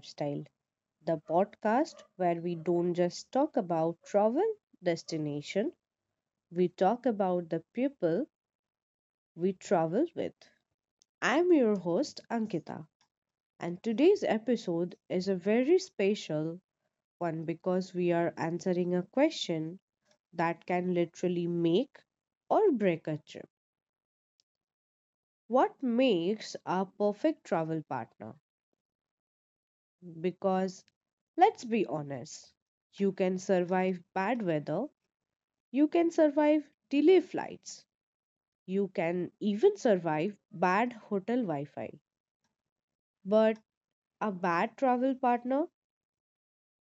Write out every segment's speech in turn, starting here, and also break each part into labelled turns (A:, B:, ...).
A: Lifestyle, the podcast where we don't just talk about travel destination, we talk about the people we travel with. I'm your host, Ankita, and today's episode is a very special one because we are answering a question that can literally make or break a trip. What makes a perfect travel partner? Because let's be honest, you can survive bad weather, you can survive delay flights, you can even survive bad hotel Wi Fi. But a bad travel partner,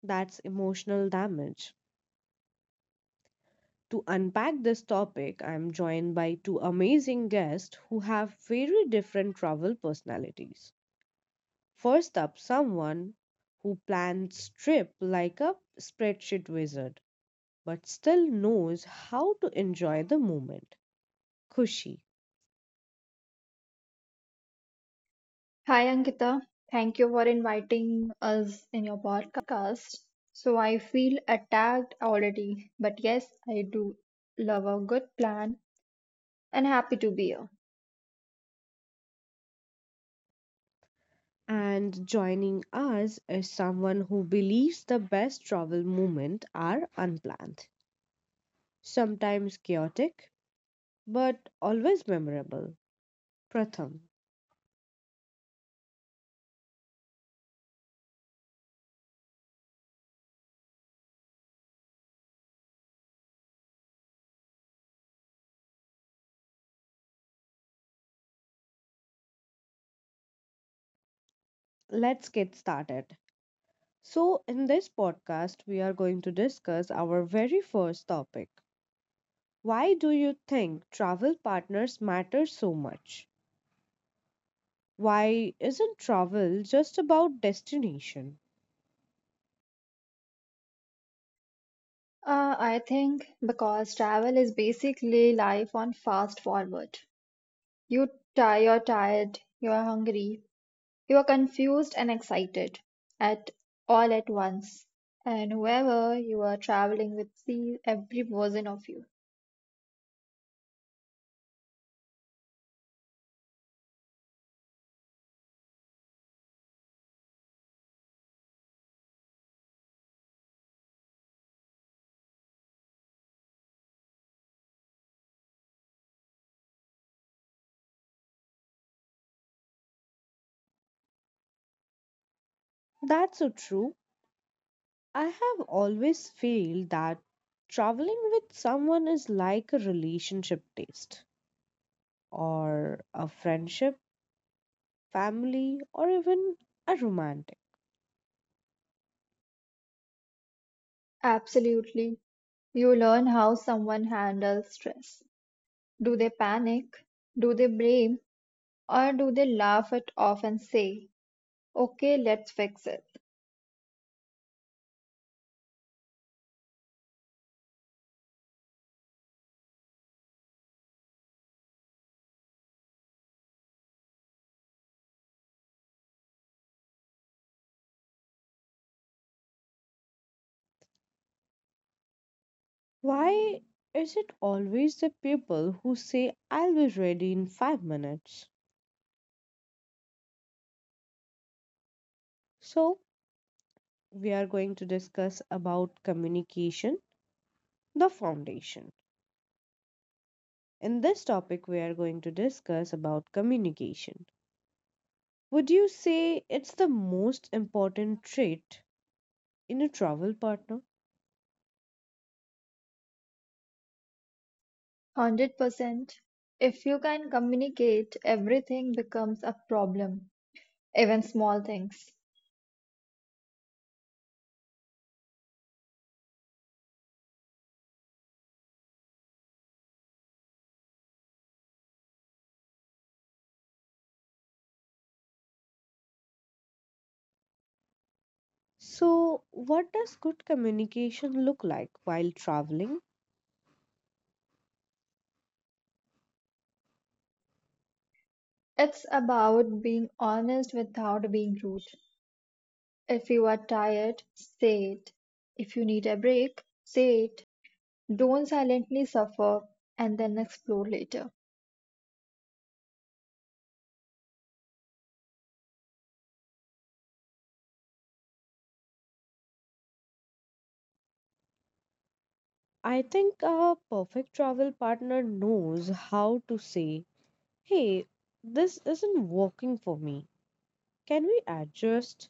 A: that's emotional damage. To unpack this topic, I'm joined by two amazing guests who have very different travel personalities. First up, someone who plans trip like a spreadsheet wizard but still knows how to enjoy the moment. Kushi.
B: Hi Ankita, thank you for inviting us in your podcast. So I feel attacked already, but yes, I do love a good plan and happy to be here.
A: And joining us is someone who believes the best travel moments are unplanned, sometimes chaotic, but always memorable. Pratham, let's get started. So, in this podcast, we are going to discuss our very first topic. Why do you think travel partners matter so much? Why isn't travel just about destination?
B: I think because travel is basically life on fast forward. You you're tired, you're hungry, you're confused and excited at all at once. And whoever you are traveling with sees every version of you.
A: That's so true. I have always felt that traveling with someone is like a relationship test, or a friendship, family, or even a romantic.
B: Absolutely. You learn how someone handles stress. Do they panic? Do they blame? Or do they laugh it off and say, okay, let's fix it?
A: Why is it always the people who say, I'll be ready in 5 minutes? So, we are going to discuss about communication, the foundation. In this topic, we are going to discuss about communication. Would you say it's the most important trait in a travel partner?
B: 100%. If you can communicate, everything becomes a problem, even small things.
A: So, what does good communication look like while traveling?
B: It's about being honest without being rude. If you are tired, say it. If you need a break, say it. Don't silently suffer and then explore later.
A: I think a perfect travel partner knows how to say, hey, this isn't working for me. Can we adjust?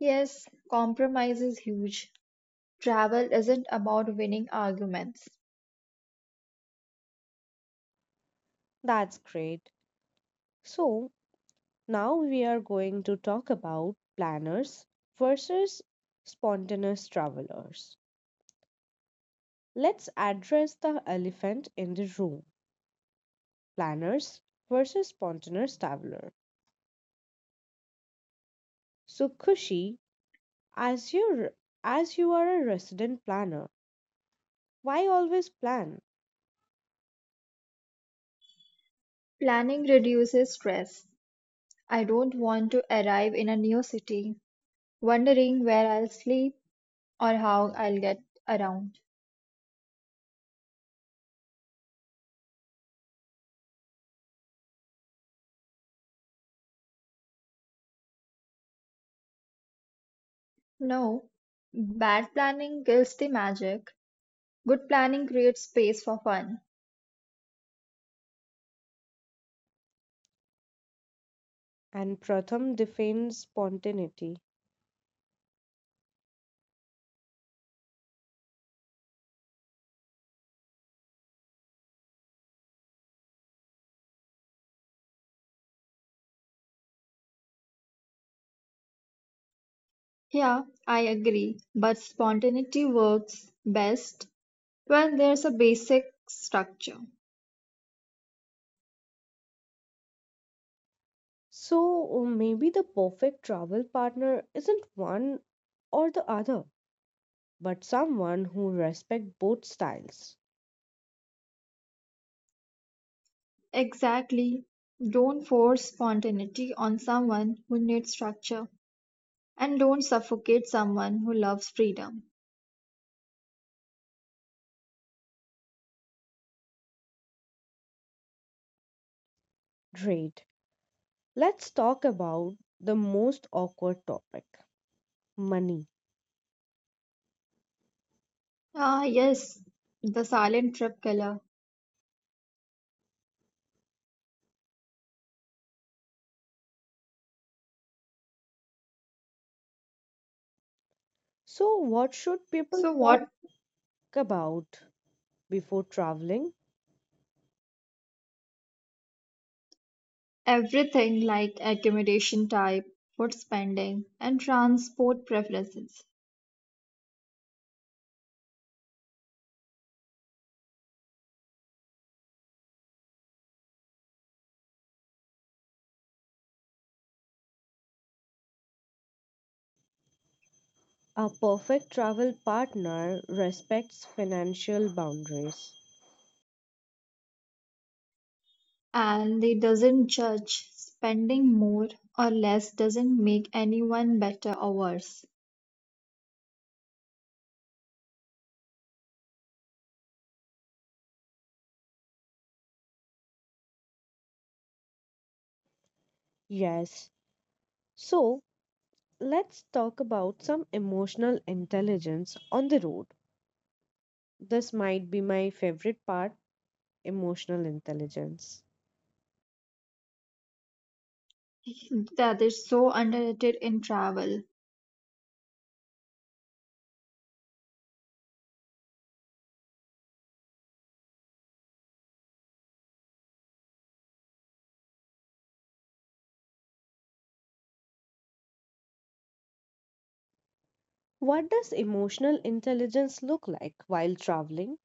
B: Yes, compromise is huge. Travel isn't about winning arguments.
A: That's great. So, now we are going to talk about planners versus spontaneous travelers. Let's address the elephant in the room planners versus spontaneous traveler. So Kushi, as you are a resident planner, why always plan?
B: Planning reduces stress. I don't want to arrive in a new city wondering where I'll sleep or how I'll get around. No, bad planning kills the magic. Good planning creates space for fun.
A: And Pratham defends spontaneity.
B: Yeah, I agree, but spontaneity works best when there's a basic structure.
A: So maybe the perfect travel partner isn't one or the other, but someone who respects both styles.
B: Exactly. Don't force spontaneity on someone who needs structure. And don't suffocate someone who loves freedom.
A: Great. Let's talk about the most awkward topic, money.
B: Ah, yes, the silent trip killer.
A: So what should people
B: So,
A: talk
B: what
A: about before traveling?
B: everything like accommodation type, food spending, and transport preferences.
A: A perfect travel partner respects financial boundaries.
B: And they doesn't judge. Spending more or less doesn't make anyone better or worse.
A: Yes. So, let's talk about some emotional intelligence on the road. This might be my favorite part emotional intelligence.
B: That is so underrated in travel.
A: What does emotional intelligence look like while traveling?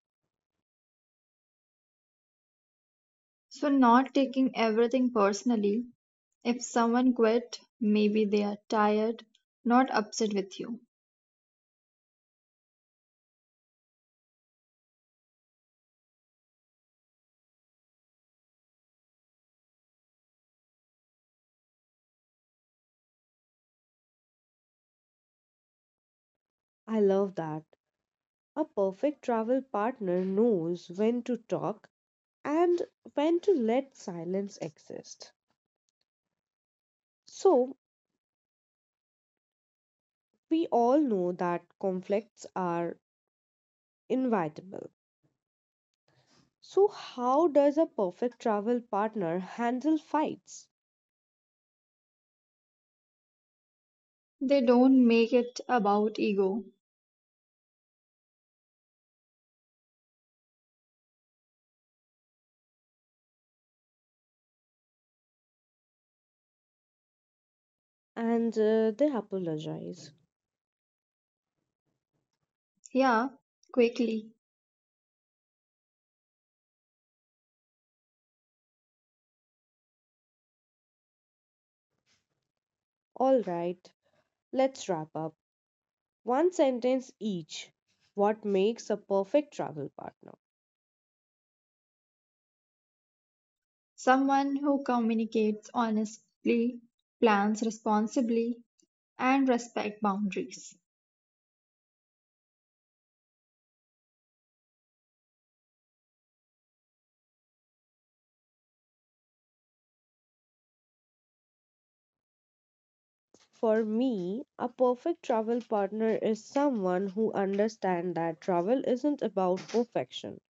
B: So, not taking everything personally. If someone quit, maybe they are tired, not upset with you.
A: I love that. A perfect travel partner knows when to talk and when to let silence exist. So, we all know that conflicts are inevitable. So, how does a perfect travel partner handle fights?
B: They don't make it about ego.
A: And they apologize.
B: Yeah, quickly.
A: All right, let's wrap up. One sentence each. What makes a perfect travel partner?
B: Someone who communicates honestly, plans responsibly, and respect boundaries.
A: For me, a perfect travel partner is someone who understands that travel isn't about perfection.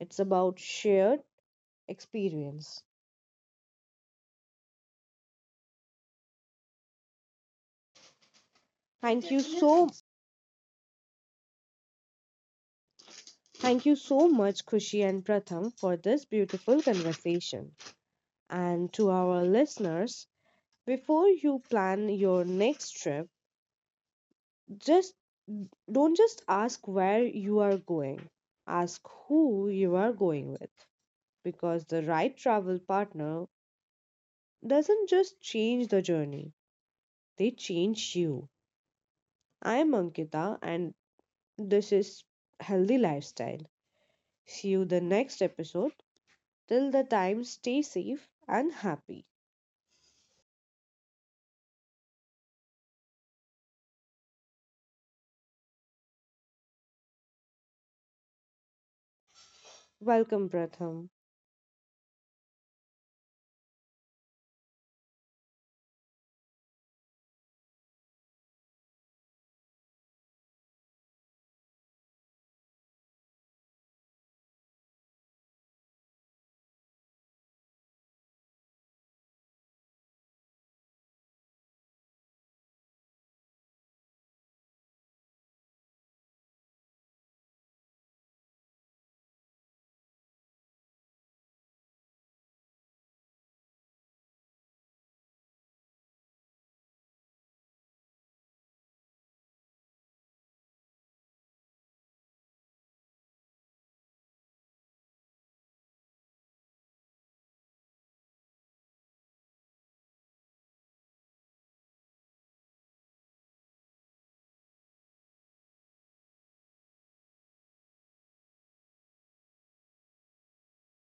A: It's about shared experience. Thank you so thank you so much Kushi and Pratham for this beautiful conversation. And to our listeners, before you plan your next trip, just don't just ask where you are going. Ask who you are going with because the right travel partner doesn't just change the journey, they change you. I'm Ankita and this is Healthy Lifestyle. See you the next episode. Till the time, stay safe and happy. Welcome, Pratham.